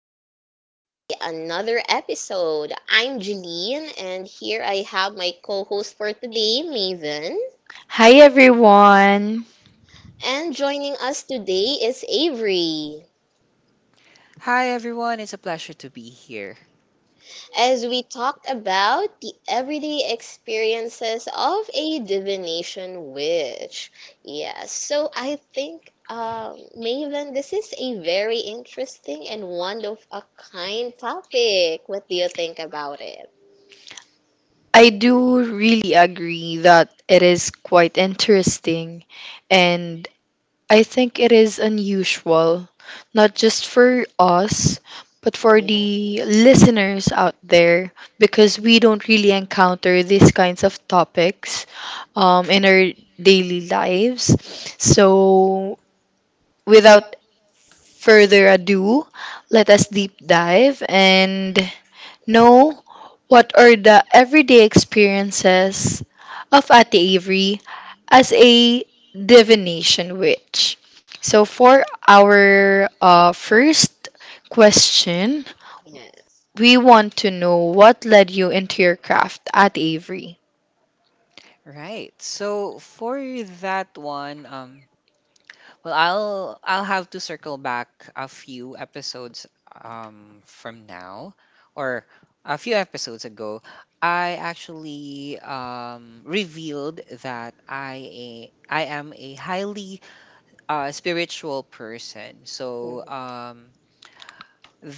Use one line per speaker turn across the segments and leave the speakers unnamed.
Another day, another episode. I'm Jeline, and here I have my co host for today, Maven.
Hi everyone.
And joining us today is Avery.
Hi everyone, it's a pleasure to be here.
As we talked about the everyday experiences of a divination witch. Yes, so I think, Maven, this is a very interesting and one of a kind topic. What do you think about it?
I do really agree that it is quite interesting and I think it is unusual not just for us but for
Yeah.
the listeners out there because we don't really encounter these kinds of topics in our daily lives. So without further ado, let us deep dive and know what are the everyday experiences of Ate Avery as a divination witch. So, for our first question,
Yeah.
we want to know what led you into your craft at Avery.
Right. So for that one, well I'll have to circle back a few episodes from now or a few episodes ago. I actually revealed that I am a highly spiritual person.
Mhm.
So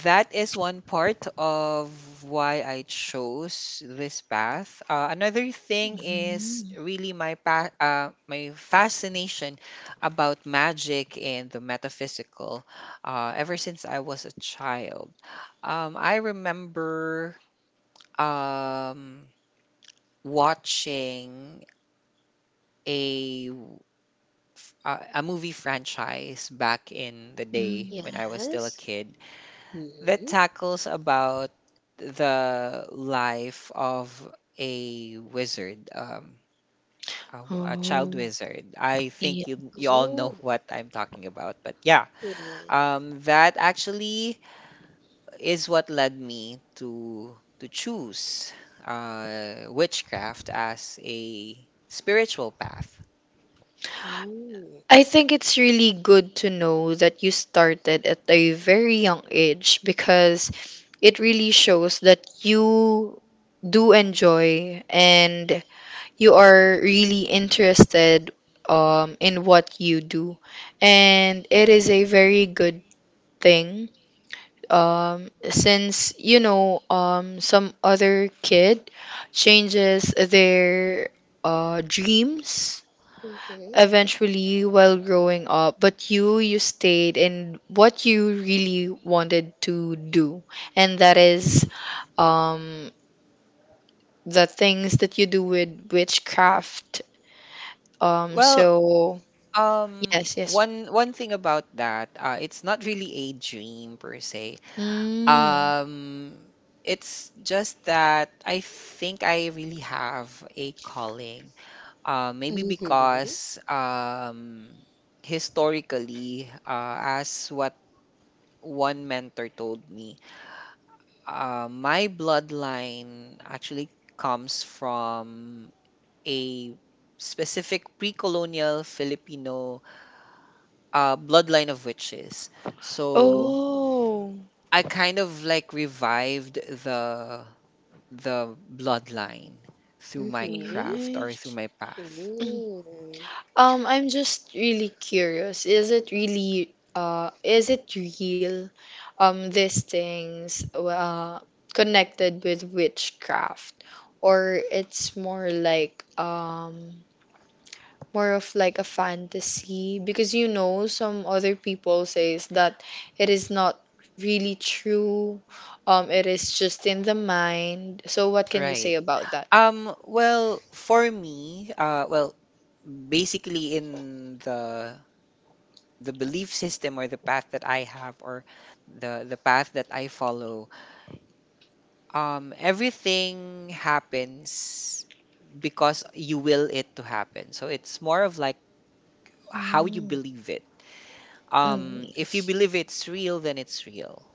that is one part of why I chose this path. Another thing is
Mm.
really my fascination about magic and the metaphysical. Ever since I was a child, I remember um, watching a w- a movie franchise back in the day when
Mm.
I was still a
Yes.
kid that
Hmm.
tackles about the life of a wizard, a child
Oh,
wizard. I think you all know
Oh.
what I'm talking about, but yeah,
Yeah.
that actually is what led me to choose witchcraft as a spiritual path.
Mm.
I think it's really good to know that you started at a very young age because it really shows that you do enjoy and you are really interested in what you do. And it is a very good thing since, some other kid changes their dreams
Mhm.
eventually while growing up but you stayed in what you really wanted to do and that is um the things that you do with witchcraft
Well,
so
um,
yes, yes.
one one thing about that, it's not really a dream per se.
Mm.
Um, it's just that I think I really have a calling. Maybe
Mhm.
because historically, as what one mentor told me, my bloodline actually comes from a specific pre-colonial Filipino bloodline of witches. So
Mm.
Oh,
I kind of like revived the the bloodline through my
Mhm.
craft or through
yes.
my path.
Mm-hmm.
Mm.
I'm just really curious. Is it real? These things connected with witchcraft, or it's more of like a fantasy, because you know some other people says that it is not really true. It is just in the mind. So what can you
Right.
say about that?
Well, for me, well, basically in the belief system or the path that I have or the path that I follow, everything happens because you will it to happen. So it's more of like how you
Mm.
believe it.
Mm,
If you
yes.
believe it's real, then it's real.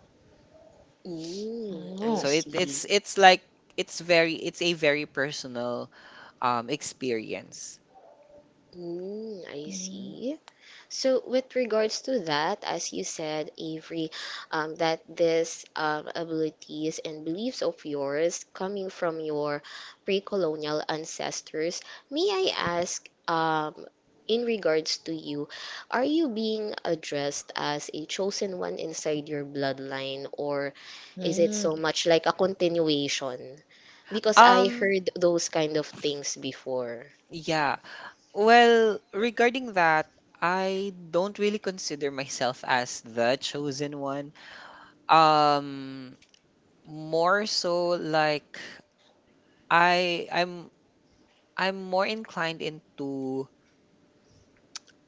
Mm. I
So
Oh.
it
see.
it's it's like it's a very personal experience.
Mm. I see. So, with regards to that, as you said, Avery, that this abilities and beliefs of yours coming from your pre-colonial ancestors, may I ask, in regards to you, are you being addressed as a chosen one inside your bloodline, or is it so
Mm-hmm.
much like a continuation? Because I
Um
heard those kind of things before.
yeah. Well, regarding that, I don't really consider myself as the chosen one. Um More so like I I'm I'm more inclined into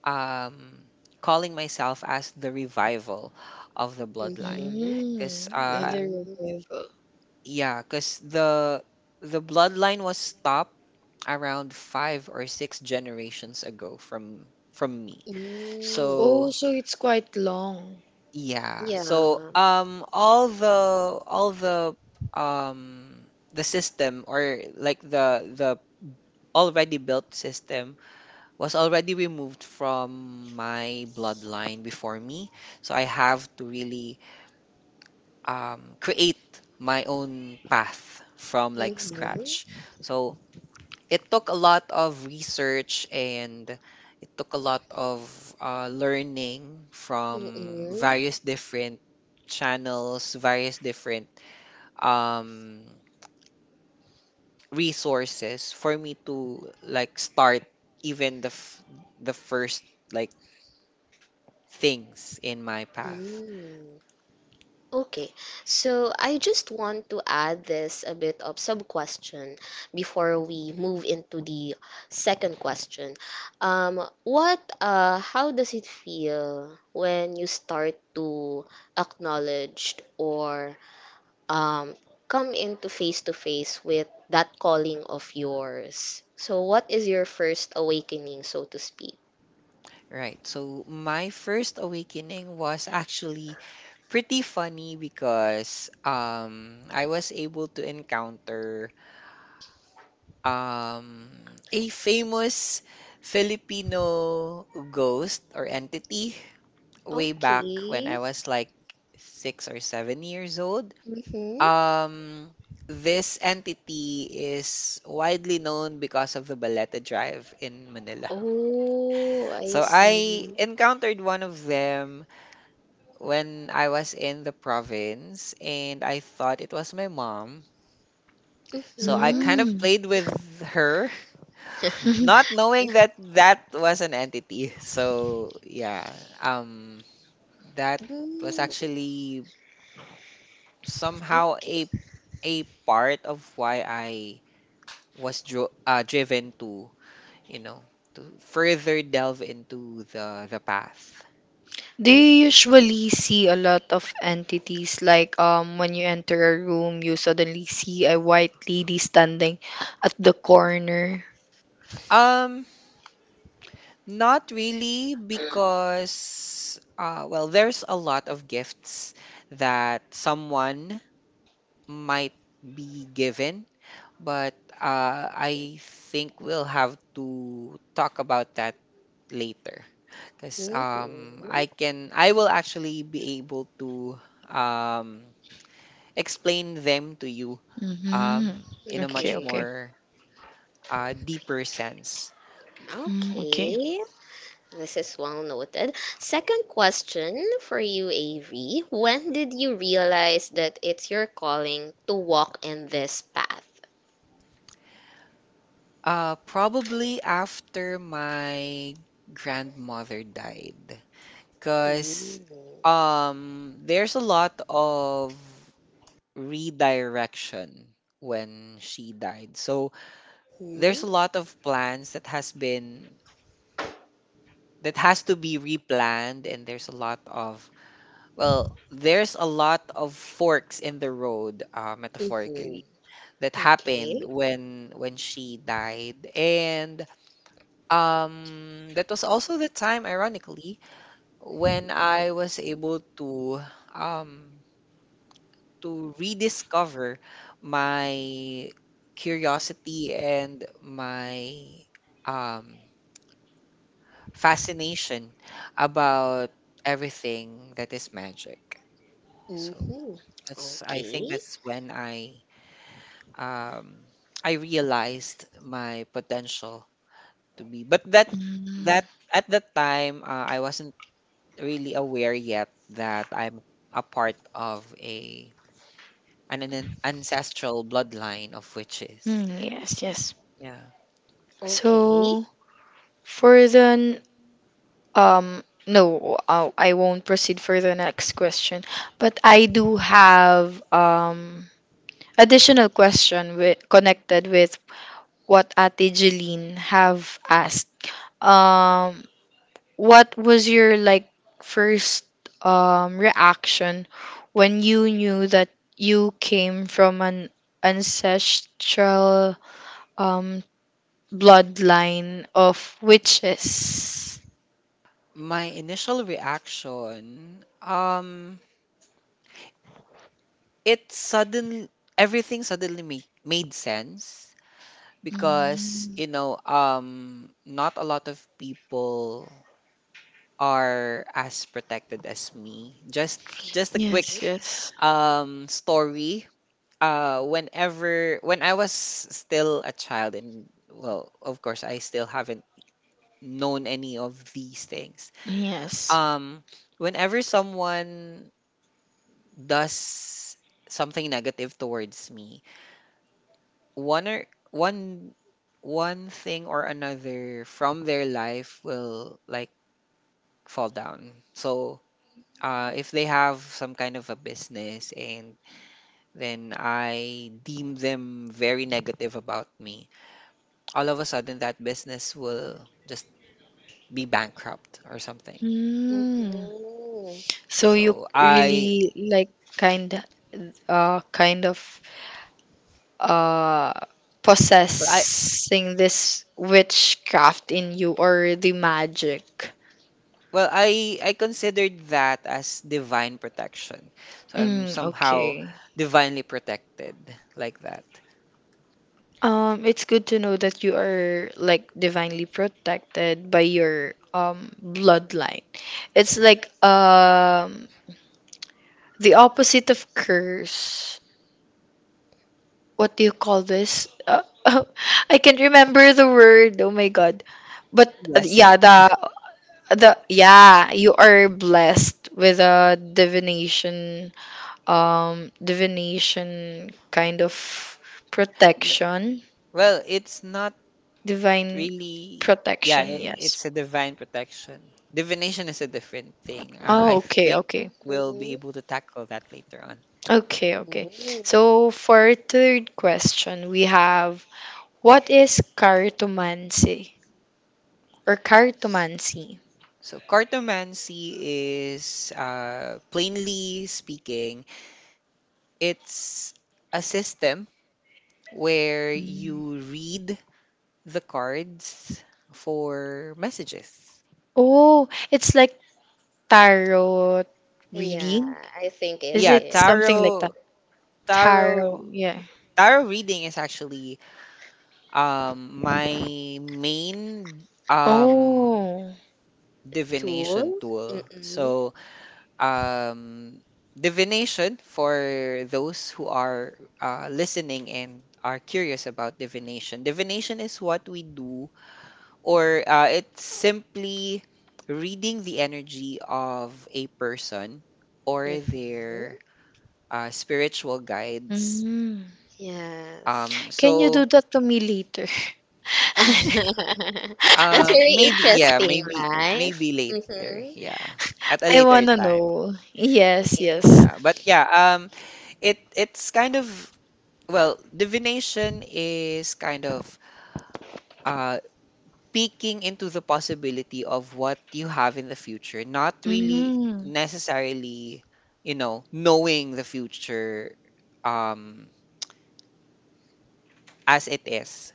um calling myself as the revival of the bloodline
Mm-hmm.
because
Mm, either your
Mm-hmm.
rival.
yeah, because the bloodline was stopped around five or six generations ago from me.
Mm.
Oh,
So
so it's quite long.
yeah, so
Yeah.
all um the system or like the already built system was already removed from my bloodline before me. So I have to really create my own path from like
Mm-hmm.
scratch. So it took a lot of research and it took a lot of learning from
Mm-hmm.
various different channels, various different um, resources for me to like start even the f- the first like things in my path.
Mm. Okay. So I just want to add this a bit of sub question before we move into the second question. What How does it feel when you start to acknowledge or um come into face to face with that calling of yours? So what is your first awakening, so to speak?
Right. So my first awakening was actually pretty funny because I was able to encounter um, a famous Filipino ghost or entity way back when
Okay.
I was like 6 or 7 years old.
Mm-hmm.
Um, this entity is widely known because of the Baleta Drive in Manila.
Oh, I
So I
see.
encountered one of them when I was in the province and I thought it was my mom. So I
Mm-hmm.
kind of
Mm.
played with her, not knowing that that was an entity. So yeah, um, that was
Mm,
actually somehow
okay.
a part of why I was driven to, you know, to further delve into the path.
Do
Oh,
you usually see a lot of entities, like when you enter a room you suddenly see a white lady standing at the corner?
Um, Not really, because well, there's a lot of gifts that someone might be given. But I think we'll have to talk about that later because
mhm.
I will actually be able to um, explain them to you
Mm-hmm.
um, in a
Okay,
much
okay.
Okay.
more deeper sense.
Mm, okay.
Okay. This is well noted. Second question for you, AV. When did you realize that it's your calling to walk in this path?
Probably after my grandmother died, because
Mm-hmm.
there's a lot of redirection when she died. So there's a lot of plans that has been that has to be replanned and there's a lot of, well, there's a lot of forks in the road,
Mm-hmm.
metaphorically, that happened
Okay.
when she died. And that was also the time, ironically, when I was able um to rediscover my curiosity and my um fascination about everything that is magic. So
Mm-hmm.
that's I think
Okay.
that's when um I realized my potential to be. But
Mm.
that at that time I wasn't really aware yet that I'm a part of a an ancestral bloodline of witches.
Mm, yes, yes.
Yeah.
Okay.
So for the no, I won't proceed for the next question. But I do have additional question with, connected with what Ate Jeline have asked. Um, what was your, like, first reaction when you knew that you came from an ancestral um bloodline of witches?
My initial reaction, it suddenly, everything suddenly made sense, because,
Mm,
you know, not a lot of people are as protected as me. Just a
yes,
quick
yes.
story. Whenever when I was still a child, and, well, of course, I still haven't known any of these things,
Yes.
um whenever someone does something negative towards me, one or one one thing or another from their life will like fall down. So if they have some kind of a business and then I deem them very negative about me, all of a sudden that business will just be bankrupt or something.
Mm.
Mm-hmm.
So you
So I
really like kind kind of uh
well I
possessing this witchcraft in you, or the magic.
well, I considered that as divine protection, so I'm
Mm,
somehow
okay.
divinely protected like that.
It's good to know that you are like divinely protected by your bloodline. It's like the opposite of curse. What do you call this? I can't remember the word. Oh my god. But yeah,
Blessing.
the yeah, you are blessed with a divination divination kind of
N-
protection,
Well, it's not
divine
really. Yeah,
protection, yes.
it's a divine protection. Divination is a different thing.
Oh,
I
okay,
think
okay.
we'll be
Mm-hmm.
able to tackle that later on.
Okay, okay. So
Mm-hmm.
for our third question, we have, what is cartomancy or
S-
cartomancy?
So, cartomancy is, plainly speaking, it's a system where you read the cards for messages.
Oh, it's like tarot
Yeah,
reading.
I think it
Is
Yeah,
it something
is.
like that?
tarot,
Tarot, yeah.
tarot reading is actually my main um
Oh.
divination
Tool?
tool.
Mm-mm.
So um divination, for those who are listening and are curious about divination is what we do. Or it's simply reading the energy of a person or
Mm-hmm.
their spiritual guides.
Mm.
Yes.
um
Can you do
so
that to me later?
That's very
Maybe yeah,
interesting, right?
maybe later.
Mm-hmm.
Yeah. At a
I
later
wanna
time.
know. Yes, yes.
Yeah.
Yeah. But yeah, it it's kind of, well, divination is kind of uh peeking into the possibility of what you have in the future, not really
Mm.
necessarily, you know, knowing the future um as it is.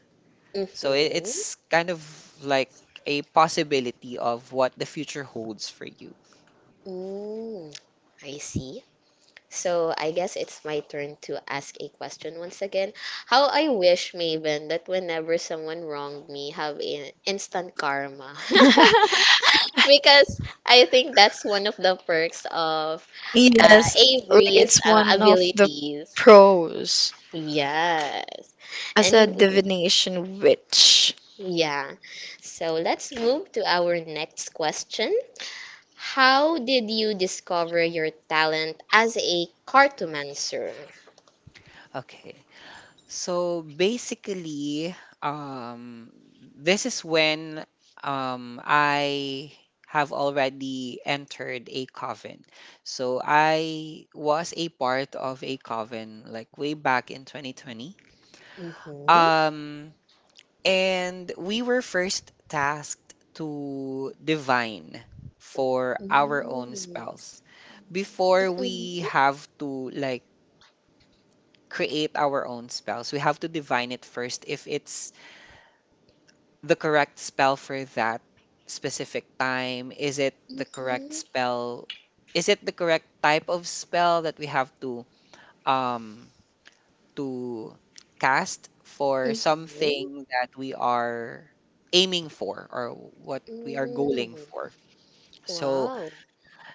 So
Mm-hmm.
it's kind of like a possibility of what the future holds for you.
Mm. I see. So I guess it's my turn to ask a question once again. How I wish, Maven, that whenever someone wronged me, have in instant karma. Because I think that's one of the perks of
Yes, like
Avery's
it's one of the
abilities.
pros
Yes.
as a
Anyway,
divination witch.
yeah. So let's move to our next question. How did you discover your talent as a cartomancer?
Okay. So basically, um, this is when I have already entered a coven. So I was a part of a coven like way back in 2020.
Mhm.
Um, and we were first tasked to divine for our own
Mhm.
spells. Before
Mhm.
we have to like create our own spells, we have to divine it first if it's the correct spell for that specific time. Is it the correct
Mhm.
spell? Is it the correct type of spell that we have to um to cast for
Mhm.
something that we are aiming for or what we are going
Mm.
for? So
Wow.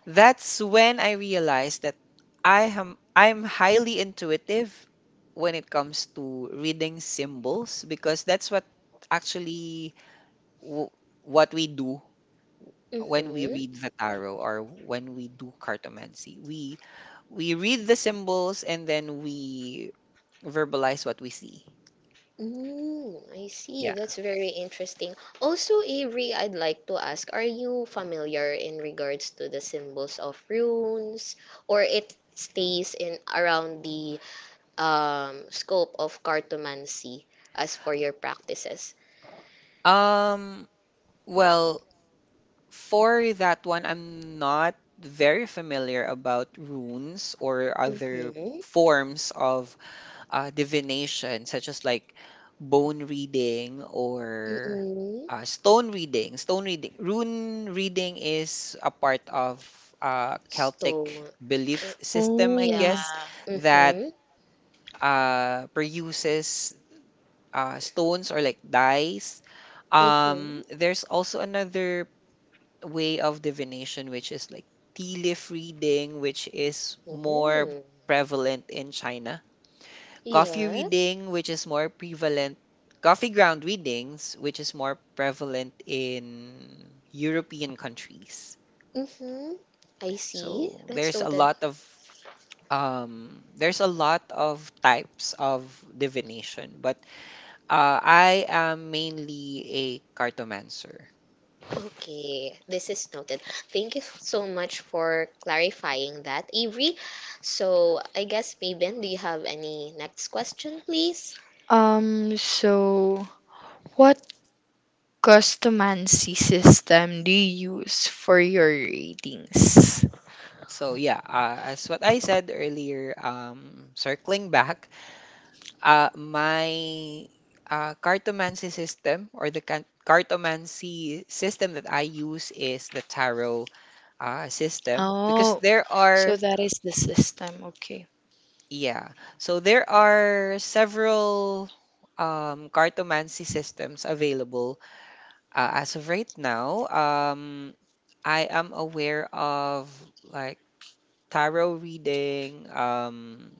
that's when I realized that I'm highly intuitive when it comes to reading symbols, because that's what actually w- what we do when we
Mhm.
read the tarot or when we do cartomancy. We read the symbols and then we verbalize what we see.
Mm, I see.
Yeah.
That's very interesting. Also, Avery, I'd like to ask, are you familiar in regards to the symbols of runes, or it stays in around the scope of cartomancy as for your practices?
um well, for that one, I'm not very familiar about runes or other
Mm-hmm.
forms of divination, such as like bone reading or
Mm-hmm.
stone reading. Rune reading is a part of Celtic
Stone. Eh,
belief system, I
yeah.
Oh.
guess, that
Mm-hmm.
produces stones or like dice.
Mm-hmm.
There's also another way of divination, which is like tea leaf reading, which is more
Oh,
prevalent in China, coffee
yes.
reading which is more prevalent coffee ground readings, which is more prevalent in european countries.
Mm-hmm. I see.
So
That's
there's a
noted.
lot of there's a lot of types of divination, but I am mainly a cartomancer.
Okay, this is noted. Thank you so much for clarifying that, Avery. So, I guess, Mabin, do you have any next question, please?
So what customancy system do you use for your ratings?
So yeah, as what I said earlier, circling back, my cartomancy system or the can- cartomancy system that I use is the tarot system, because
Oh,
there
so
are,
that is the system. Okay.
yeah, so there are several cartomancy systems available as of right now. I am aware of like tarot reading.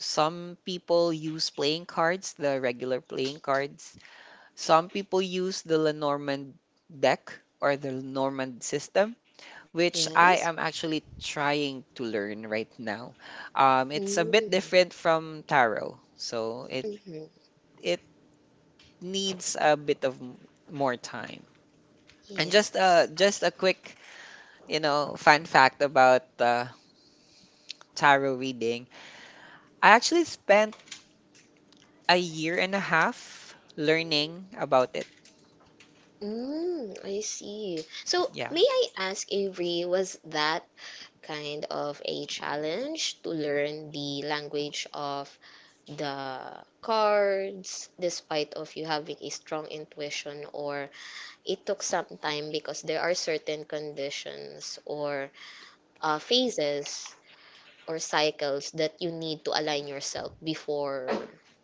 Some people use playing cards, the regular playing cards. Some people use the Lenormand deck or the Lenormand system, which
Yes.
I am actually trying to learn right now. It's a bit
Mm,
different from tarot, so
mm-hmm.
it needs a bit of more time. And
Yes.
just a quick, you know, fun fact about tarot reading. I actually spent a year and a half learning about it.
Mm, I see. So,
Yeah.
may I ask, Avery, was that kind of a challenge to learn the language of the cards despite of you having a strong intuition or it took some time because there are certain conditions or phases or cycles that you need to align yourself before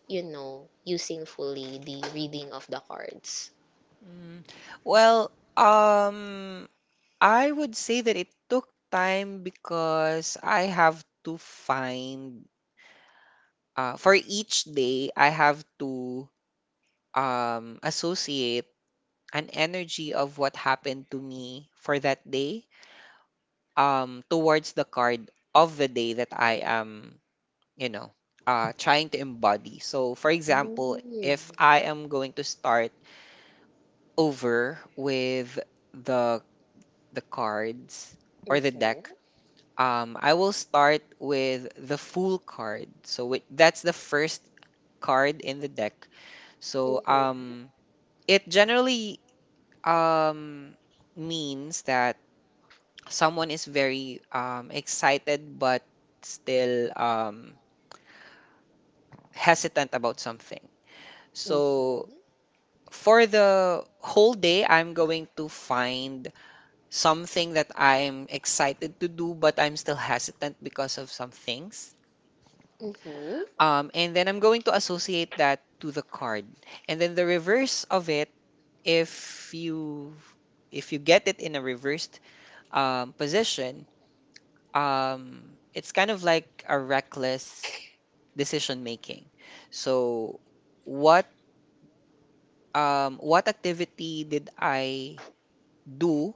you know using fully the reading of the cards.
Mm, well, um, I would say that it took time because I have to find for each day, I have to associate an energy of what happened to me for that day towards the card of the day that I am, you know, trying to embody. So for example, if
Mm.
I am going to start over with the the cards or the
Mm-hmm.
deck, I will start with the Fool card. So that's the first card in the deck. So
Mm-hmm.
it generally um, means that someone is very excited but still hesitant about something. So
Mm-hmm.
for the whole day, I'm going to find something that I'm excited to do but I'm still hesitant because of some things.
Mm-hmm.
And then I'm going to associate that to the card. And then the reverse of it, if you, if you get it in a reversed position, it's kind of like a reckless decision making. So what what activity did I do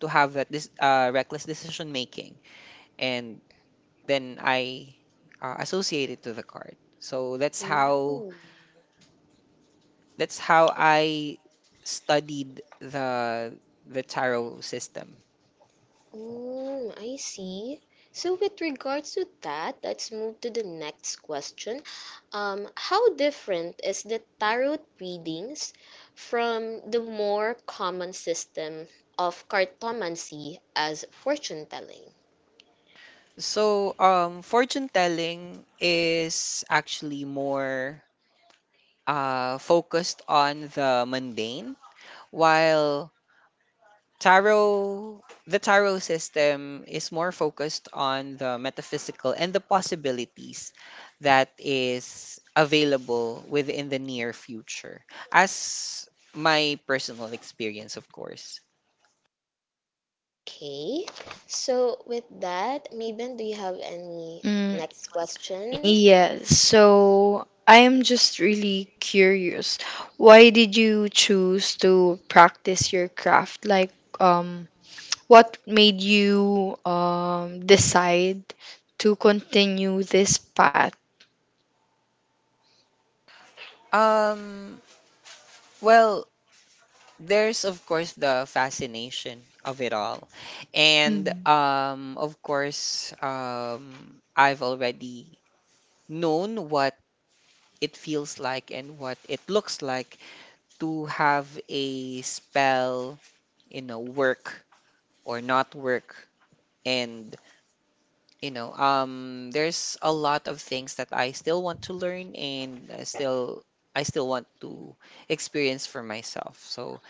to have that this reckless decision making? And then I associate it to the card. So that's
Mm.
how that's how I studied the tarot system.
Oh, I see. So, with regards to that, let's move to the next question. How different is the tarot readings from the more common system of cartomancy as fortune telling?
So fortune telling is actually more focused on the mundane, while tarot the tarot system is more focused on the metaphysical and the possibilities that is available within the near future, as my personal experience of course.
Okay, so with that, Mabel, do you have any
Mm,
next question?
yes. So I am just really curious. Why did you choose to practice your craft? Like, um, what made you decide to continue this path?
um Well, there's of course the fascination of it all. And
Mm.
of course, I've already known what it feels like and what it looks like to have a spell, you know, work or not work, and you know, there's a lot of things that I still want to learn and I still want to experience for myself. So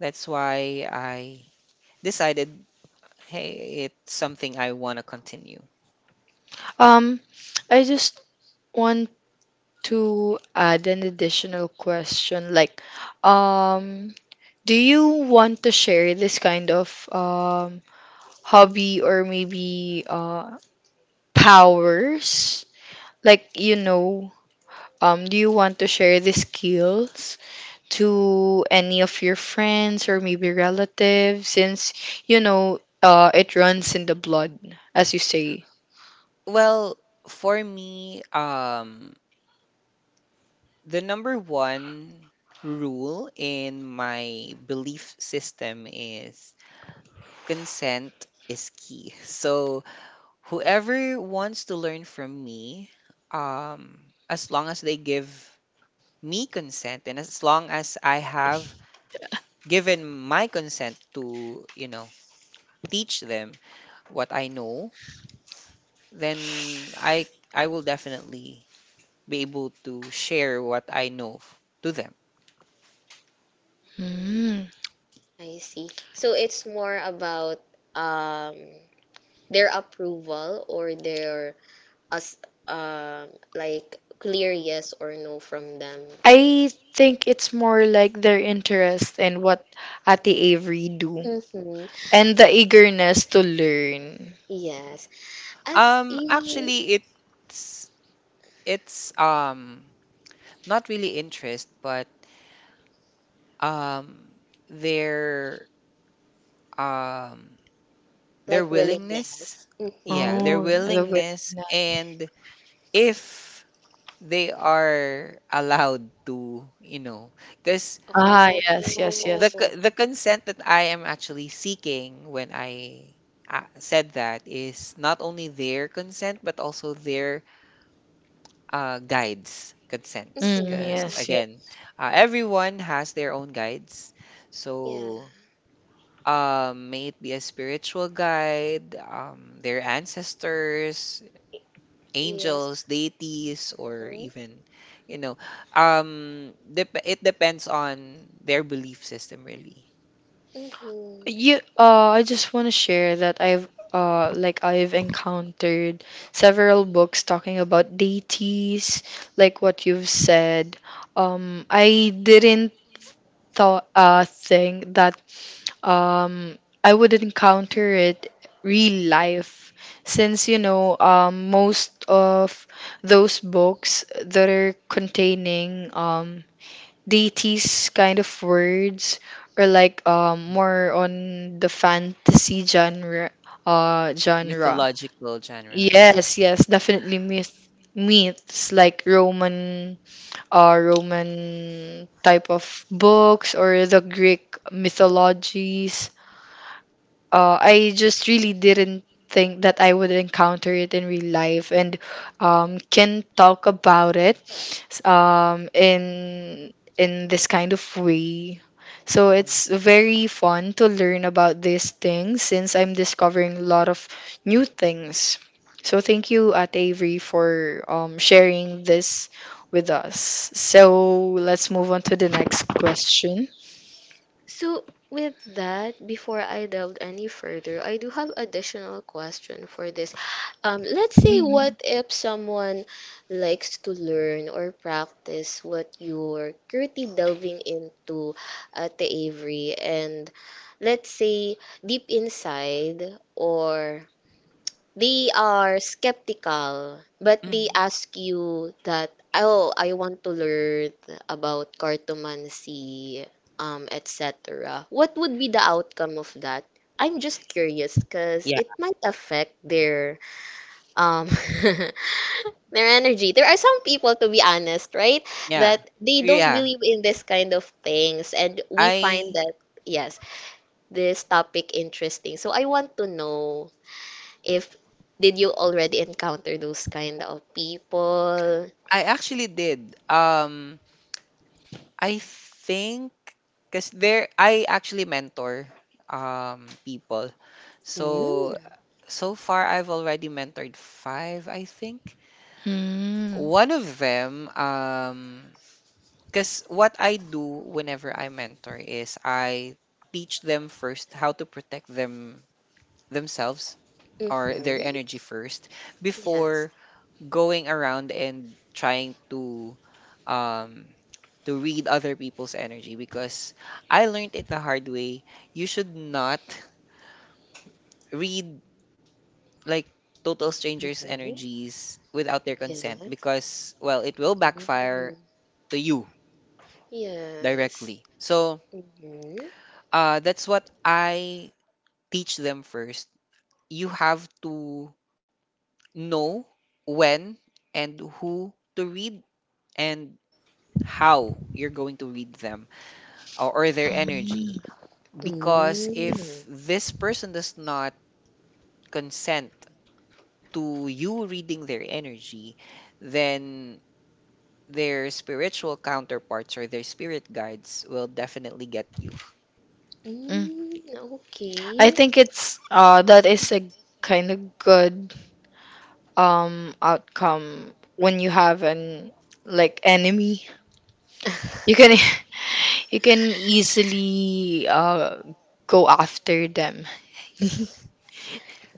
that's why I decided, hey, it's something I want to continue.
Um, I just want to add an additional question, like um do you want to share this kind of hobby, or maybe powers, like, you know, do you want to share the skills to any of your friends or maybe relatives, since you know it runs in the blood, as you say.
Well, for me, the number one rule in my belief system is consent is key. So, whoever wants to learn from me, um, as long as they give me consent and as long as I have given my consent to, you know, teach them what I know, then I will definitely be able to share what I know f- to them.
Mm.
I see. So it's more about um their approval or their as uh, like clear yes or no from them.
I think it's more like their interest in what Ate Avery do,
Mm-hmm.
and the eagerness to learn.
Yes. As in
Actually, it's not really interest but um their um their
like
willingness.
willingness.
Yeah,
Mm-hmm.
their
Oh, I the
willingness.
Vietnam.
And if they are allowed to, you know, because
Ah, yes, yes,
the
yes.
c-
Oh.
the consent that I am actually seeking when I said that is not only their consent but also their guides consents,
Mm,
Mm-hmm.
because
yes, yes.
again, everyone has their own guides.
Yeah.
So may it be a spiritual guide, their ancestors,
Yes.
angels, deities, or
Mm-hmm.
even, you know, it depends on their belief system, really.
Mm-hmm.
You, I just want to share that I've, like, I've encountered several books talking about deities, like what you've said. I didn't thought, think that um I would encounter it real life, since you know most of those books that are containing deities kind of words, or like, more on the fantasy genre.
Mythological genre. Yeah.
Yes, yes, definitely myths, like roman type of books, or the greek mythologies. I just really didn't think that I would encounter it in real life and, can talk about it, in this kind of way. So
Mm.
it's very fun to learn about these things since I'm discovering a lot of new things. So thank you, at Avery, for sharing this with us. So let's move on to the next question.
So, with that, before I delve any further, I do have additional question for this. Let's say
Mhm.
what if someone likes to learn or practice what you're currently delving into at the Avery, and let's say deep inside or they are skeptical, but they
Mhm.
ask you that, oh, I want to learn about cartomancy, etc. What would be the outcome of that? I'm just curious because
Yeah.
it might affect their um their energy. There are some people, to be honest, right,
Yeah.
that they don't
Yeah.
believe in this kind of things, and we find
I
that yes, this topic interesting. So I want to know if did you already encounter those kind of people?
I actually did. I think, cuz there I actually mentor people.
Mm.
So so far I've already mentored 5, I think.
Mm.
One of them, um, cuz what I do whenever I mentor is I teach them first how to protect them themselves or their
Mm-hmm.
energy first before
Yes.
going around and trying um to read other people's energy, because I learned it the hard way. You should not read like total strangers'
Mm-hmm.
energies without their consent
Yes.
because well, it will backfire
Mm.
to you
Yes.
directly. So
Mm-hmm.
that's what I teach them first. You have to know when and who to read and how you're going to read them or their energy. Because if
Mm.
this person does not consent to you reading their energy, then their spiritual counterparts or their spirit guides will definitely get you.
Mm.
Mm.
I
Okay.
think it's that is a kind of good outcome when you have an, like, enemy. You can you can easily go after them.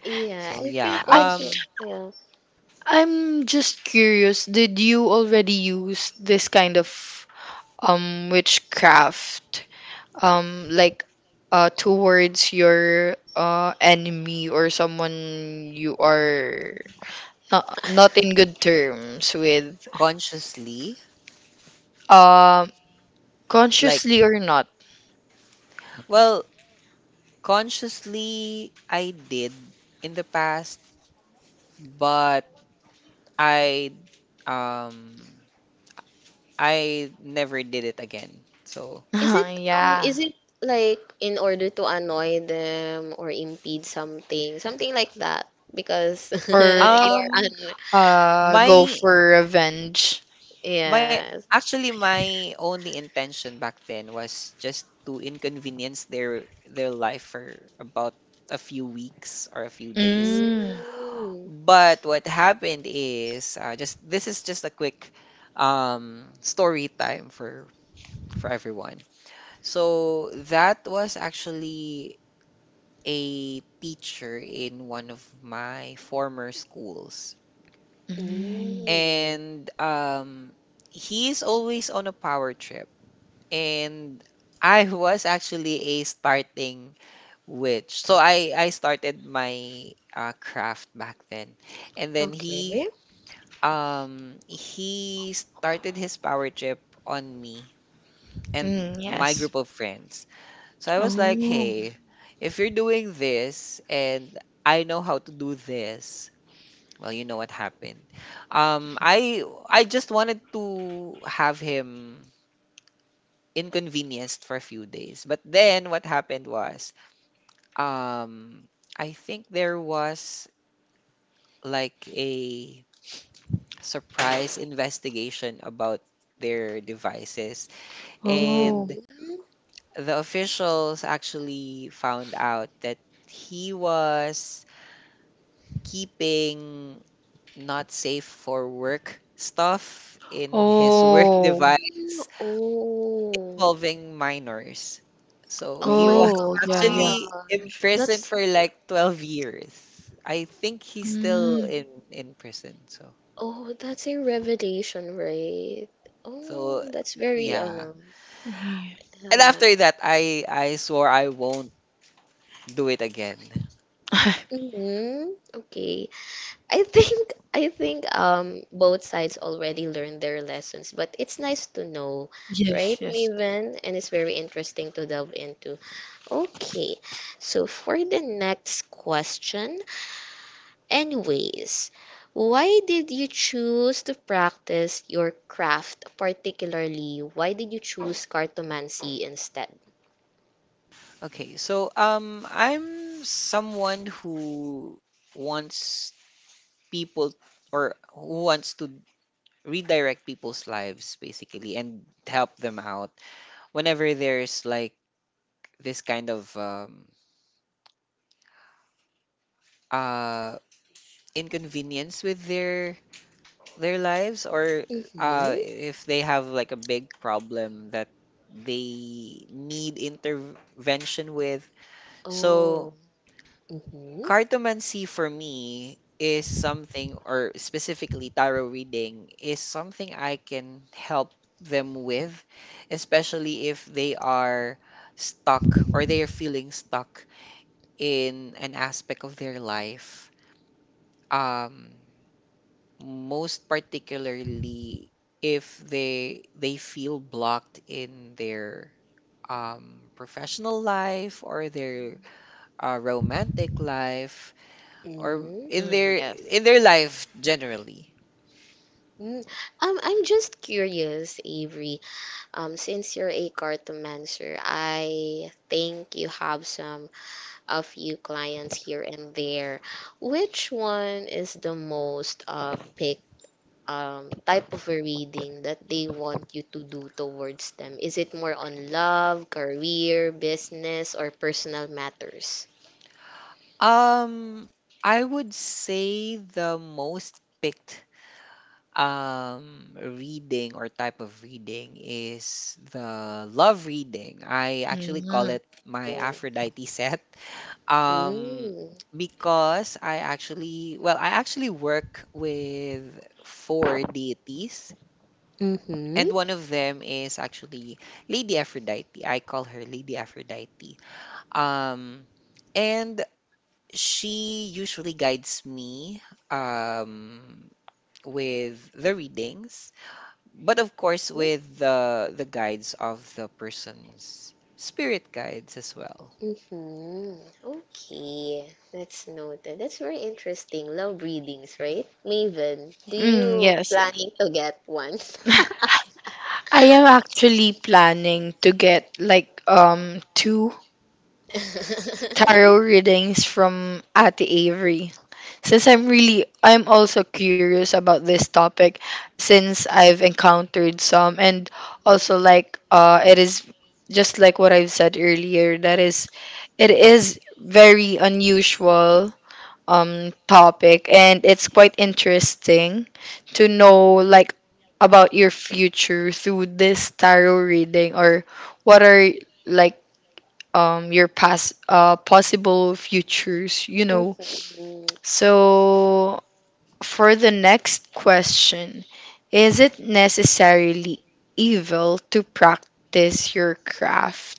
Yeah,
So
I
yeah,
think
I
also, yeah.
I'm just curious, did you already use this kind of witchcraft like towards your enemy or someone you are not in good terms with
consciously,
um
like,
consciously or not.
well, consciously I did in the past, but I, um I never did it again. So,
Is it um
Yeah,
is it like in order to annoy them or impede something, something like that? Because
or
you're
to
Um,
an
my
go for revenge.
my
yes.
actually my only intention back then was just to inconvenience their life for about a few weeks or a few days.
Mm.
Mm.
But what happened is, just this is just a quick story time for everyone. So that was actually a teacher in one of my former schools.
Mm.
Mm.
And he's always on a power trip, and I was actually a starting witch, so I started my craft back then. And then he,
Okay.
he started his power trip on me and
Mm,
my
yes.
group of friends. So I was like,
Oh.
hey, if you're doing this and I know how to do this, well, you know what happened. I just wanted to have him inconvenienced for a few days. But then what happened was, um, I think there was like a surprise investigation about their devices,
Oh.
and
Mm-hmm.
the officials actually found out that he was keeping not safe for work stuff in his work
Oh.
Mm.
device
Oh.
involving minors. So
Oh
he
my
was
Oh, yeah, yeah.
actually
gosh.
imprisoned
That's
for like 12 years. I think he's still
Mm.
in prison. So
oh, that's a revelation, right?
so
Oh, that's very
yeah.
ano.
Yeah.
And after
Uh,
that, I swore I won't do it again.
mm-hmm. Okay. I think both sides already learned their lessons, but it's nice to know,
Yes,
right,
yes.
Maven? And it's very interesting to delve into. Okay, so for the next question, anyways, why did you choose to practice your craft particularly? Why did you choose cartomancy instead?
Okay, so I'm someone who wants people, or who wants to redirect people's lives basically and help them out whenever there's like this kind of uh inconvenience with their lives, or
Mm-hmm.
if they have like a big problem that they need intervention with. So
Oh. Mm-hmm.
cartomancy for me is something, or specifically tarot reading is something I can help them with, especially if they are stuck or they are feeling stuck in an aspect of their life, um, most particularly if they feel blocked in their professional life or their romantic life, or
Mm-hmm.
Mm, yes.
in their life generally.
Mm-hmm. I'm just curious, Avery. Since you're a cartomancer, I think you have some a few clients here and there. Which one is the most pick type of a reading that they want you to do towards them? Is it more on love, career, business, or personal matters?
um I would say the most picked reading or type of reading is the love reading. I actually call
Mm.
it my
Oh.
Aphrodite set, um
Mm.
because I actually, well, I actually work with four deities,
Mm-hmm.
and one of them is actually Lady Aphrodite. I call her Lady Aphrodite. Um and she usually guides me um with the readings, but of course with the guides of the person's spirit guides as well.
Mhm. Okay, that's noted. That's very interesting. Love readings, right? Maven, do
Mm,
you
yes.
planning to get one?
I am actually planning to get, like, two tarot readings from Ate Avery. Since I'm really, I'm also curious about this topic, since I've encountered some, and also like, it is just like what I've said earlier, that is, it is very unusual topic, and it's quite interesting to know, like, about your future through this tarot reading, or what are, like, your past possible futures, you know.
Mhm.
So for the next question, is it necessarily evil to practice your craft?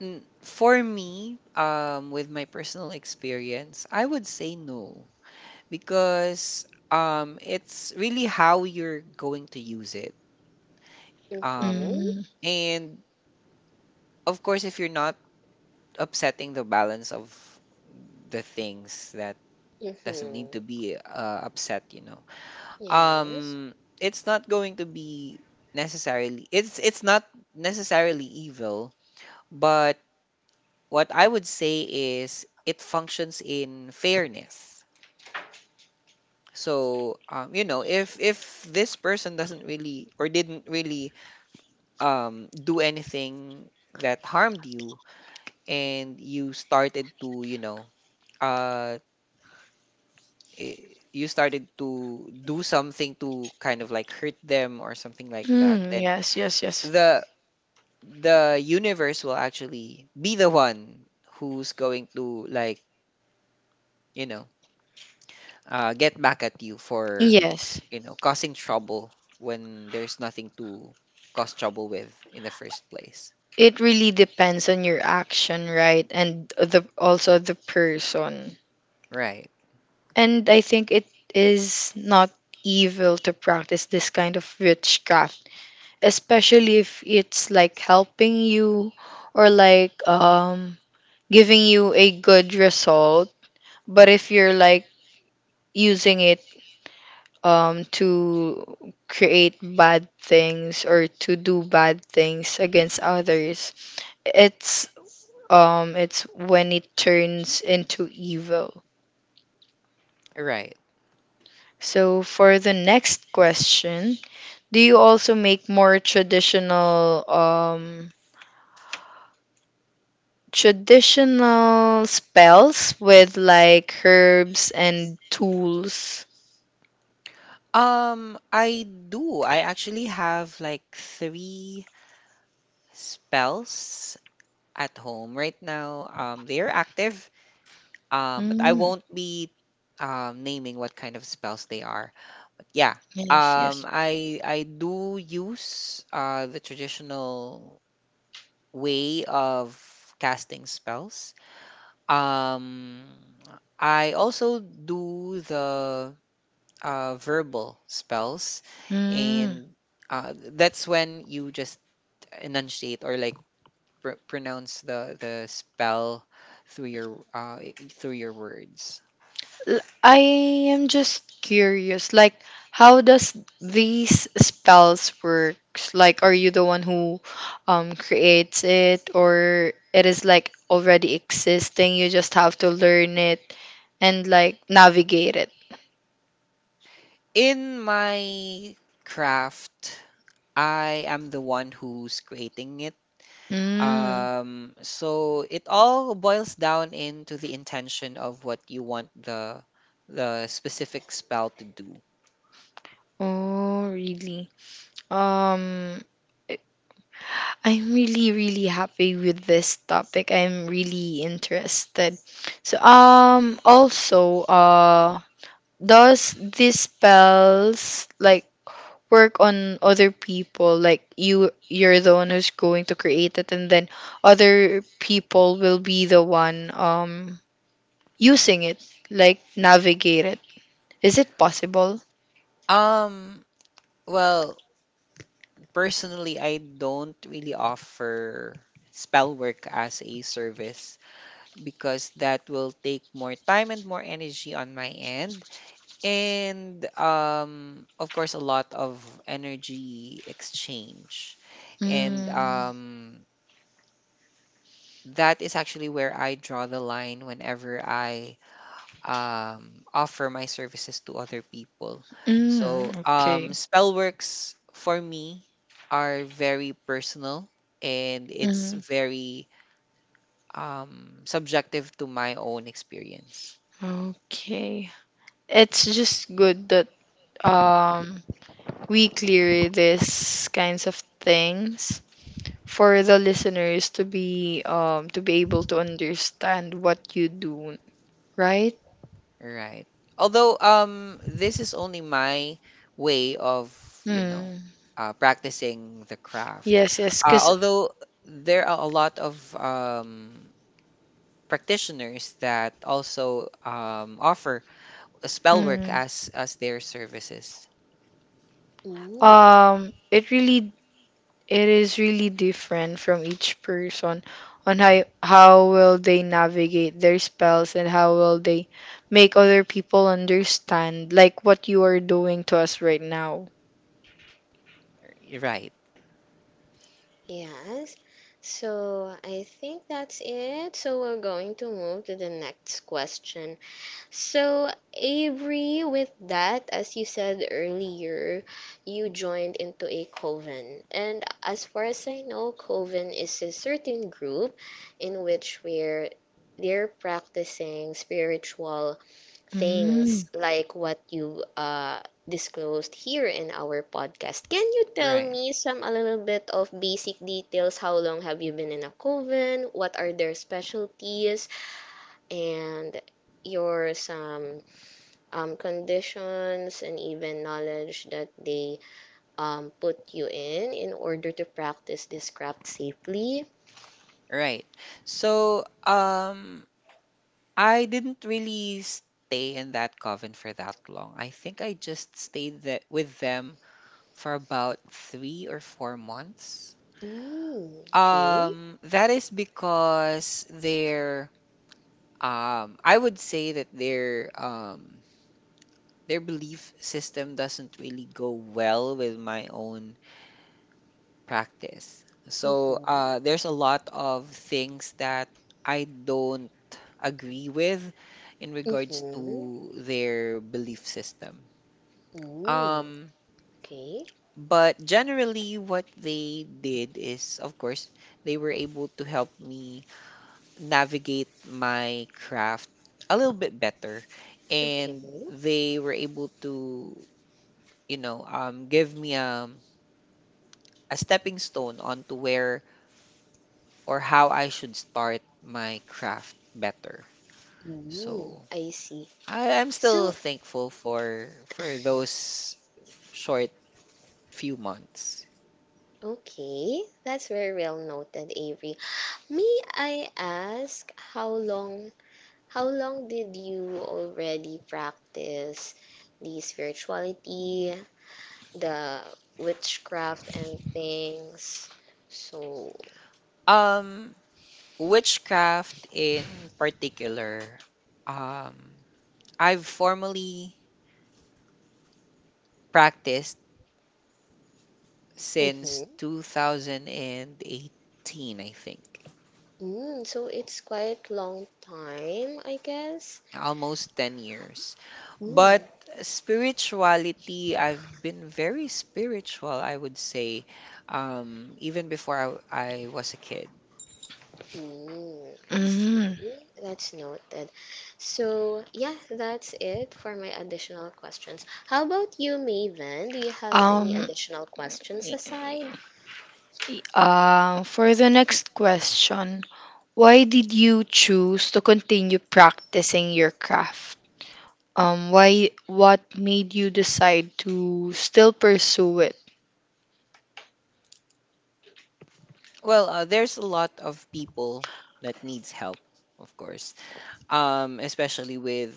Mm, for me, with my personal experience, I would say no, because it's really how you're going to use it. Um,
Mhm.
Mm.
and of course, if you're not upsetting the balance of the things that doesn't need
Mhm.
to be upset, you know,
Yes.
um, it's not going to be necessarily. It's not necessarily evil, but what I would say is it functions in fairness. So you know, if this person doesn't really or didn't really do anything that harmed you, and you started to, you know, uh, you started to do something to kind of like hurt them or something like that,
Hmm,
then
yes, yes, yes.
the the universe will actually be the one who's going to like, you know, get back at you for,
Yes,
you know, causing trouble when there's nothing to cause trouble with in the first place.
it really depends on your action, right? And the also the person.
Right.
And I think it is not evil to practice this kind of witchcraft, especially if it's like helping you or like giving you a good result. But if you're like using it to create bad things or to do bad things against others, it's it's when it turns into evil.
Right.
So for the next question, do you also make more traditional traditional spells with like herbs and tools?
I do. I actually have like three spells at home right now, um, they are active, um, but I
Mm,
won't be naming what kind of spells they are. Yeah.
yes,
Um,
yes.
I do use the traditional way of casting spells. Um, I also do the verbal spells,
Mm.
and that's when you just enunciate or like pronounce the spell through your through your words.
I am just curious, like, how does these spells works? Like, are you the one who creates it, or it is like already existing, you just have to learn it and like navigate it?
In my craft, I am the one who's creating it.
Mm.
So it all boils down into the intention of what you want the specific spell to do.
Oh, really? Um, I'm really, really happy with this topic. I'm really interested. So, also, does these spells like work on other people? Like, you, you're the one who's going to create it, and then other people will be the one using it, like navigate it. Is it possible?
Um, well, personally, I don't really offer spell work as a service, because that will take more time and more energy on my end, and of course a lot of energy exchange, and
Mm.
that is actually where I draw the line whenever I offer my services to other people. So,
Mm, okay.
spell works for me are very personal, and it's
Mm,
very subjective to my own experience.
okay. It's just good that um, we clear these kinds of things for the listeners to be able to understand what you do, right?
Right. Although this is only my way of, you know,
Mm.
practicing the craft.
Yes, yes, cause
Although there are a lot of practitioners that also offer spell work
mm,
as their services.
Mm.
it really, it is really different from each person on how will they navigate their spells, and how will they make other people understand like what you are doing to us right now.
Right,
Yes. So I think that's it. So we're going to move to the next question. So, Avery, with that, as you said earlier, you joined into a coven. And as far as I know, coven is a certain group in which we're they're practicing spiritual
Mm.
things like what you disclosed here in our podcast. Can you tell
right,
me some a little bit of basic details? How long have you been in a coven? What are their specialties? And your some conditions and even knowledge that they put you in order to practice this craft safely.
right. So I didn't really stay in that coven for that long. I think I just stayed that with them for about 3 or 4 months.
Mm, okay.
That is because they're I would say that their belief system doesn't really go well with my own practice. So
Mm-hmm.
there's a lot of things that I don't agree with in regards
Mm-hmm.
to their belief system.
Mm,
Um,
okay.
but generally, what they did is, of course, they were able to help me navigate my craft a little bit better.
Okay.
And they were able to, you know, give me a stepping stone onto where or how I should start my craft better.
Mm,
So
I see.
I'm still
So,
thankful for those short few months.
okay, that's very well noted, Avery. May I ask how long did you already practice the spirituality the witchcraft and things. So,
Um, witchcraft in particular, um, I've formally practiced since
mhm.
2018, I think.
Mm, so it's quite long time, I guess.
Almost 10 years. But
Mm,
spirituality, I've been very spiritual, I would say, even before I was a kid.
mm, I see.
Mm.
That's noted. So, yeah, that's it for my additional questions. How about you, Maven? Do you have any
Um,
additional questions aside?
for the next question, why did you choose to continue practicing your craft? Why? What made you decide to still pursue it?
Well, there's a lot of people that needs help, of course, especially with,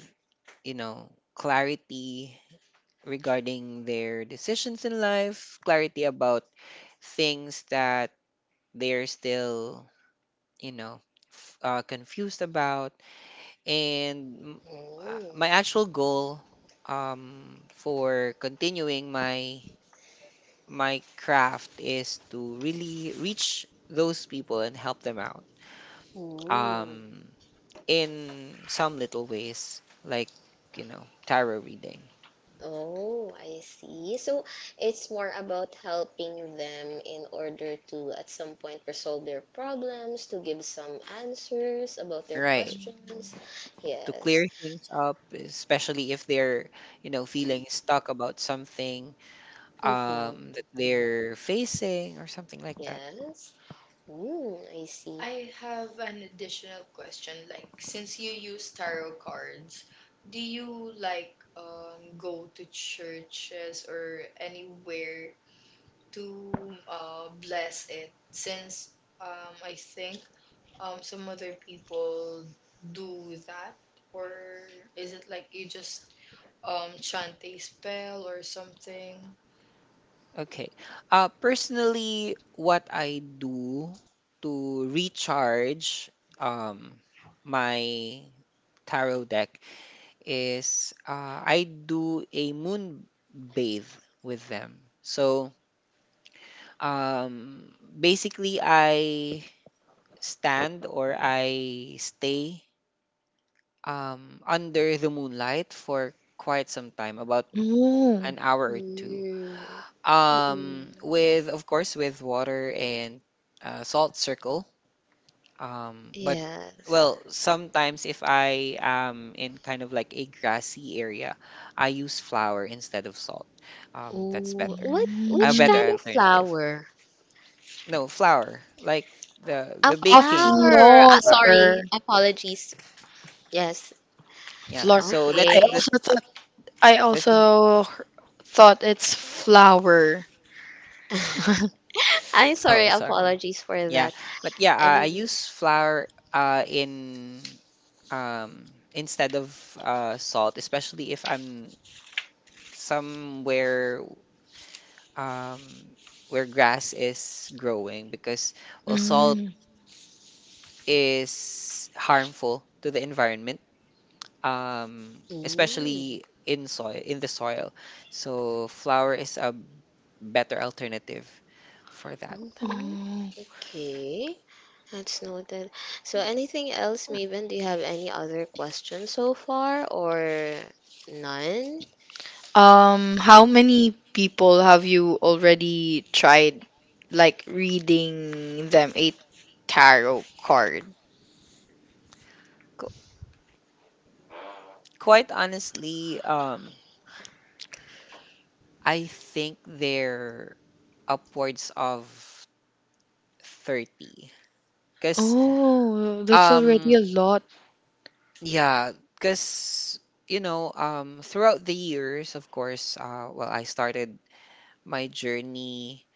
you know, clarity regarding their decisions in life, clarity about things that they're still, you know, confused about, and m-
Mm,
my actual goal for continuing my my craft is to really reach those people and help them out,
mm.
um, in some little ways like, you know, tarot reading.
Oh, I see. So it's more about helping them in order to, at some point, resolve their problems, to give some answers about their
Right,
questions.
to clear
Yes.
things up, especially if they're, you know, feeling stuck about something,
Mm-hmm.
that they're facing or something like that.
Yes. Mm, I see.
I have an additional question. Like, since you use tarot cards, do you like go to churches or anywhere to bless it? Since I think some other people do that, or is it like you just chant a spell or something?
Okay. Personally, what I do to recharge um, my tarot deck is, I do a moon bathe with them. So basically, I stand or I stay under the moonlight for quite some time, about
Oh.
an hour or two.
Mm, mm-mm.
With, of course, with water and salt circle. But,
Yes.
well, sometimes if I am in kind of like a grassy area, I use flour instead of salt. That's
Oh,
better,
what,
a
which
Mm.
better
kind of
alternative.
flower?
No, flour, like the
A
the
A
baking
flower.
floor.
Ah,
flour.
sorry. Apologies. Yes.
Yeah,
Floor.
so
I
Okay.
also I
that's a—
also h- thought it's flower.
I'm sorry.
Oh, sorry.
Apologies for
Yeah,
that.
but yeah, I
Anyway.
use flour in, instead of salt, especially if I'm somewhere, um, where grass is growing, because, well, salt
Mm.
is harmful to the environment,
Mm.
especially in soil in the soil. So flour is a better alternative for that.
Hmm.
Oh.
Okay. That's noted. So, anything else, Maven? Do you have any other questions so far or none?
How many people have you already tried, like, reading them a tarot card?
Qu- Quite honestly, I think they're upwards of 30. Because,
Oh, that's already a
um,
lot.
yeah, because, you know, throughout the years, of course, well, I started my journey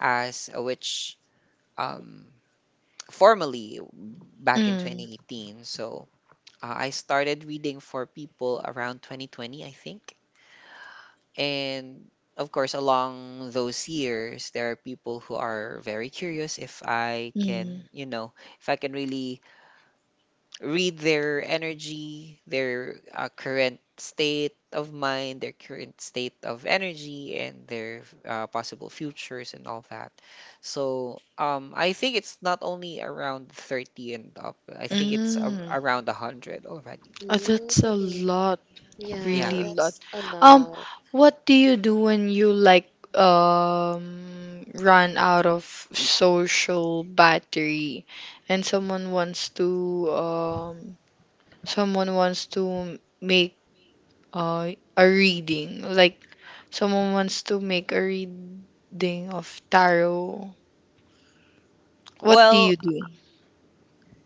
as a witch, um, formally back in
Mm.
2018. So I started reading for people around 2020, I think. And of course, along those years, there are people who are very curious if I
Mm.
can, you know, if I can really read their energy, their current state of mind, their current state of energy, and their possible futures and all that. So, I think it's not only around 30 and up, I think it's a
Mm.
around 100 already.
That's a
Mm.
lot.
Yeah,
Yeah.
Really lot.
that's a
Um,
lot.
what do you do when you like run out of social battery, and someone wants to make uh, a reading, like, someone wants to make a reading of tarot. What do
Well,
you do?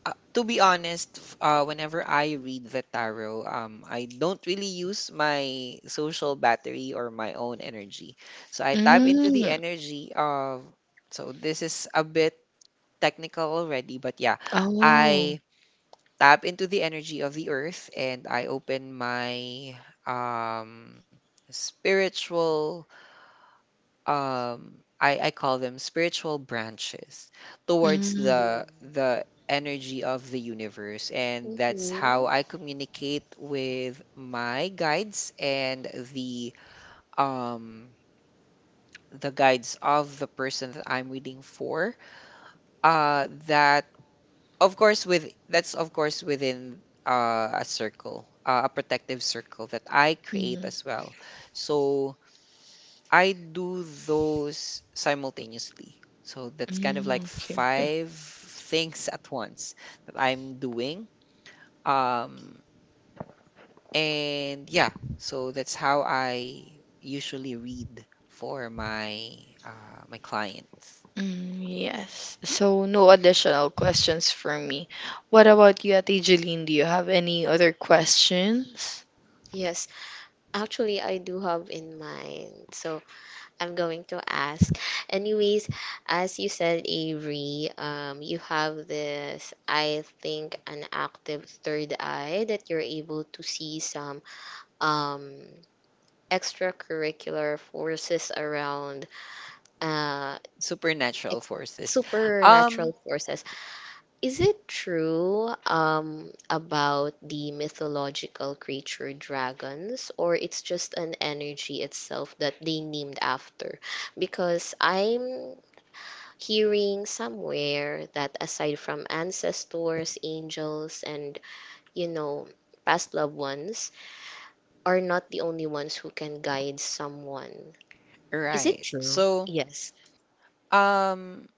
to be honest, whenever I read the tarot, I don't really use my social battery or my own energy. So I tap into the
Mm.
energy of. So this is a bit technical already, but yeah, I
Oh.
tap into the energy of the earth, and I open my um, spiritual— I call them spiritual branches towards
Mm.
the energy of the universe, and that's how
Mm-hmm.
I communicate with my guides and the um the guides of the person that I'm reading for, that— of course with— that's of course within a circle, a protective circle that I create
Mm.
as well. So I do those simultaneously. So that's kind of
Mm.
like
Okay. Okay.
five things at once that I'm doing. Um, and yeah, so that's how I usually read for my clients.
Mm, yes. So no additional questions from me. What about you, Ate Jeline? Do you have any other questions?
Yes, actually, I do have in mind, so I'm going to ask. Anyways, as you said, Avery, you have this, I think, an active third eye that you're able to see some um, extracurricular forces around uh,
Supernatural
ex
forces.
supernatural
Um,
forces. Is it true about the mythological creature dragons, or it's just an energy itself that they named after? Because I'm hearing somewhere that aside from ancestors, angels, and you know, past loved ones, are not the only ones who can guide someone. Is it
right.
true?
So,
Yes.
um,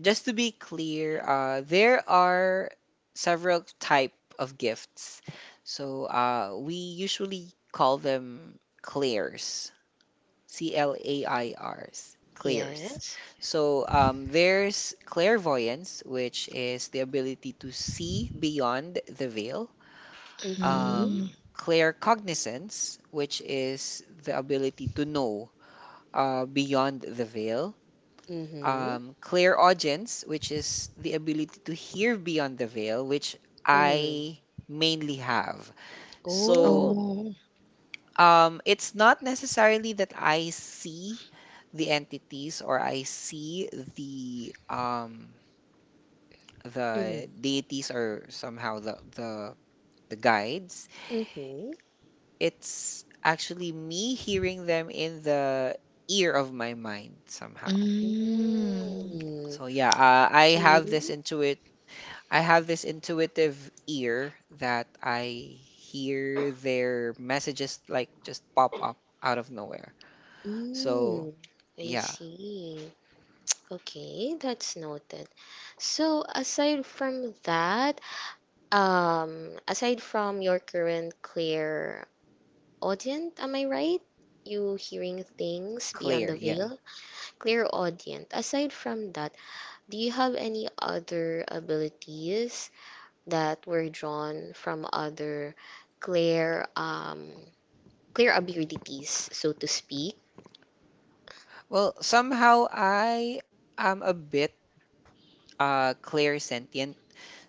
just to be clear, there are several type of gifts. So we usually call them clears, CLAIRs, clears.
Yes.
So, there's clairvoyance, which is the ability to see beyond the veil.
Mm-hmm.
Mm.
Claircognizance, which is the ability to know, beyond the veil.
Mm-hmm.
Clear audience, which is the ability to hear beyond the veil, which
Mm-hmm.
I mainly have.
Oh.
So,
Oh.
it's not necessarily that I see the entities, or I see the um, the
Mm-hmm.
deities, or somehow the guides.
Mm-hmm.
It's actually me hearing them in the ear of my mind somehow.
Mm.
Mm.
So yeah,
Okay.
I have this intuitive ear that I hear their messages, like, just pop up out of nowhere. So,
Mm. I
yeah.
see. Okay, that's noted. So aside from that, aside from your current clear audience, am I right? You hearing things beyond
Clear,
the
yeah.
veil? Clear audience. Aside from that, do you have any other abilities that were drawn from other clear um Clear abilities, so to speak.
Well, somehow I am a bit clear sentient.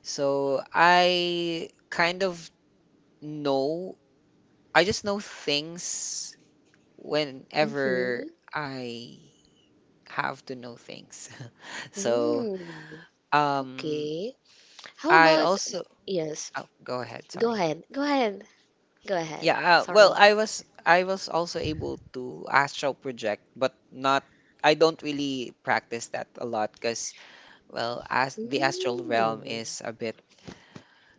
So, I kind of know, I just know things whenever
Mm-hmm.
I have to know things. So,
Mm.
um
Okay. How
I
about
also—
yes?
oh, go ahead,
Go
sorry.
ahead. Go ahead. Go ahead.
Yeah, well,
Sorry.
I was also able to astral project, but not— I don't really practice that a lot because, well, as the astral realm
Mm.
is a bit—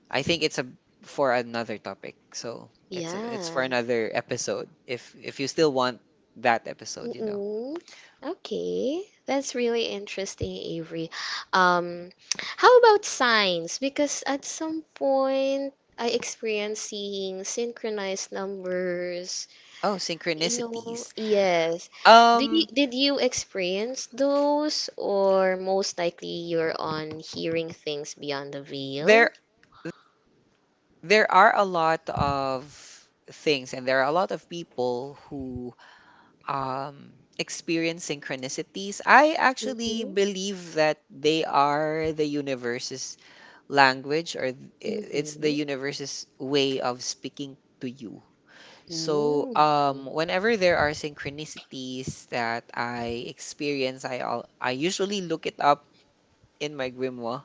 I think it's a for another topic. So, it's for
Yeah.
another episode, if you still want that episode, you know.
Mm-mm. Okay. That's really interesting, Avery. Um, how about signs? Because at some point I experienced seeing synchronized numbers.
Oh,
You know,
synchronicities.
yes. Do you,
Um
did you experience those, or most likely you're on hearing things beyond the veil?
there there are a lot of things, and there are a lot of people who, um, experience synchronicities. I actually
Mm-hmm.
believe that they are the universe's language, or it's the
Mm-hmm.
universe's way of speaking to you. So,
Mm.
whenever there are synchronicities that I experience, I usually look it up in my grimoire,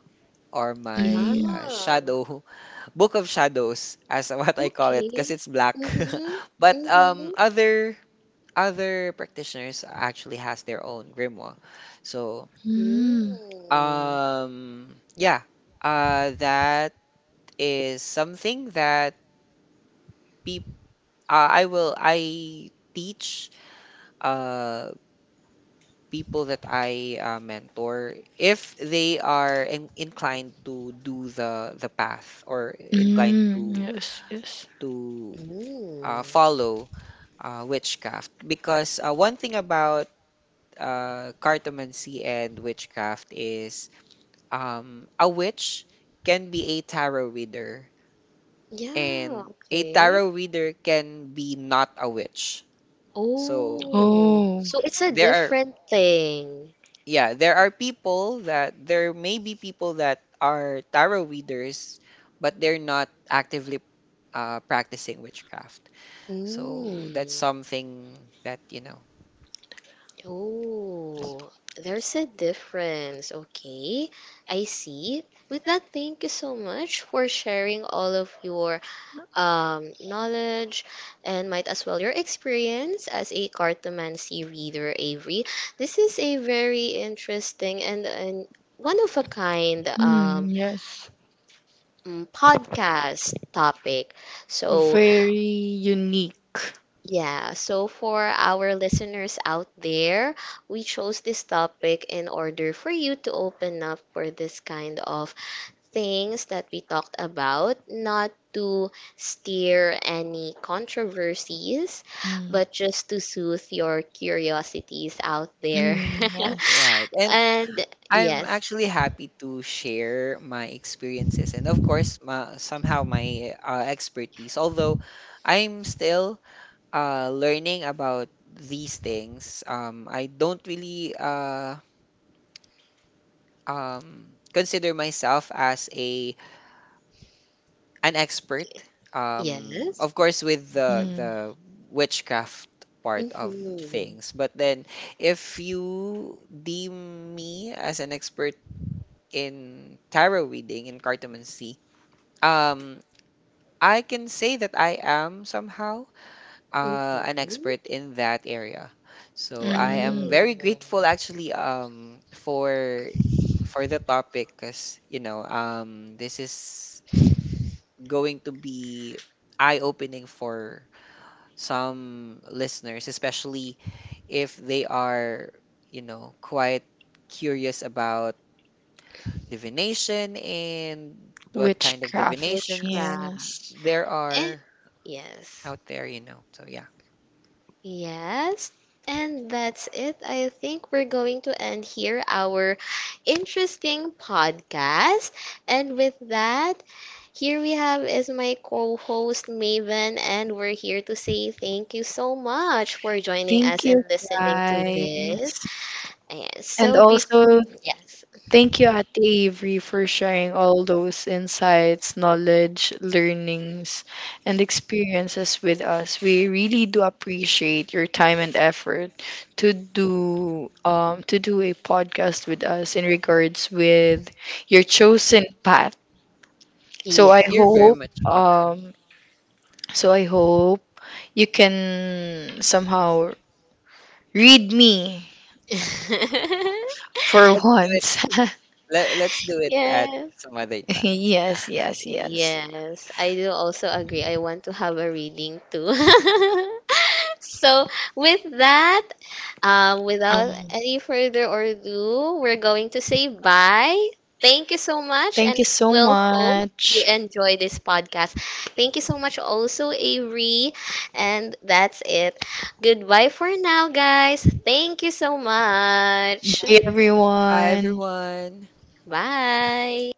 or my
Mm.
Yeah.
shadow book of shadows, as what I call it, because
Okay.
it's black.
Mm-hmm.
But,
Mm-hmm.
other practitioners actually has their own grimoire. So,
Mm.
Mm.
yeah, that is something that peop- I teach uh, people that I mentor, if they are inclined to do the path, or inclined
Mm,
to
yes, yes.
to
Mm.
follow witchcraft, because one thing about cartomancy and witchcraft is, a witch can be a tarot reader,
Yeah,
and a
okay.
tarot reader can be not a witch. So
Oh,
Oh.
so it's a
there are
different thing.
yeah, there may be people that are tarot readers, but they're not actively practicing witchcraft. So that's
Mm.
something that, you know.
Oh, there's a difference. Okay, I see. With that, thank you so much for sharing all of your knowledge and might as well your experience as a cartomancy reader, Avery. This is a very interesting and one of a kind
Mm, yes.
podcast topic. So
Very unique.
yeah, so for our listeners out there, we chose this topic in order for you to open up for this kind of things that we talked about, not to steer any controversies,
Mm.
but just to soothe your curiosities out there.
Mm, yes.
Right. And
And
I'm
yes,
actually happy to share my experiences and, of course, somehow my expertise, although I'm still learning about these things. I don't really consider myself as a an expert,
yes.
of course, with the
Mm.
the witchcraft part of
Mm-hmm.
things. But then, if you deem me as an expert in tarot reading, in cartomancy, Um, I can say that I am, somehow, an
Mm-hmm.
expert in that area. So I am
Mm.
Mm.
very grateful, actually, for the topic, because, you know, this is going to be eye-opening for some listeners, especially if they are, you know, quite curious about divination and what kind of
Witchcraft.
divinations
Witchcraft.
Yes.
there
Eh,
are
yes.
out there, you know. So yeah.
Yes, and that's it. I think we're going to end here our interesting podcast. And with that, here we have is my co-host Maven, and we're here to say thank you so much for joining
Thank
us and
you,
listening to
guys.
this. And
And
so before,
also,
yes,
thank you, Ate Avery, for sharing all those insights, knowledge, learnings, and experiences with us. We really do appreciate your time and effort to do a podcast with us in regards with your chosen path. So I
You're
yes.
very
hope
much welcome.
um so I hope you can somehow read me for
Let's do it.
once.
Let's do it at
yes.
some other time. Yeah.
Yes, yes, yes.
Yes, I do also agree. I want to have a reading too. So, with that, without
Um,
any further ado, we're going to say bye. Thank you so much,
thank
and
you so
we'll hope you
much.
enjoy this podcast. Thank you so much, also, Avery. And that's it. Goodbye for now, guys. Thank you so much.
Bye,
Bye,
everyone.
everyone.
Bye.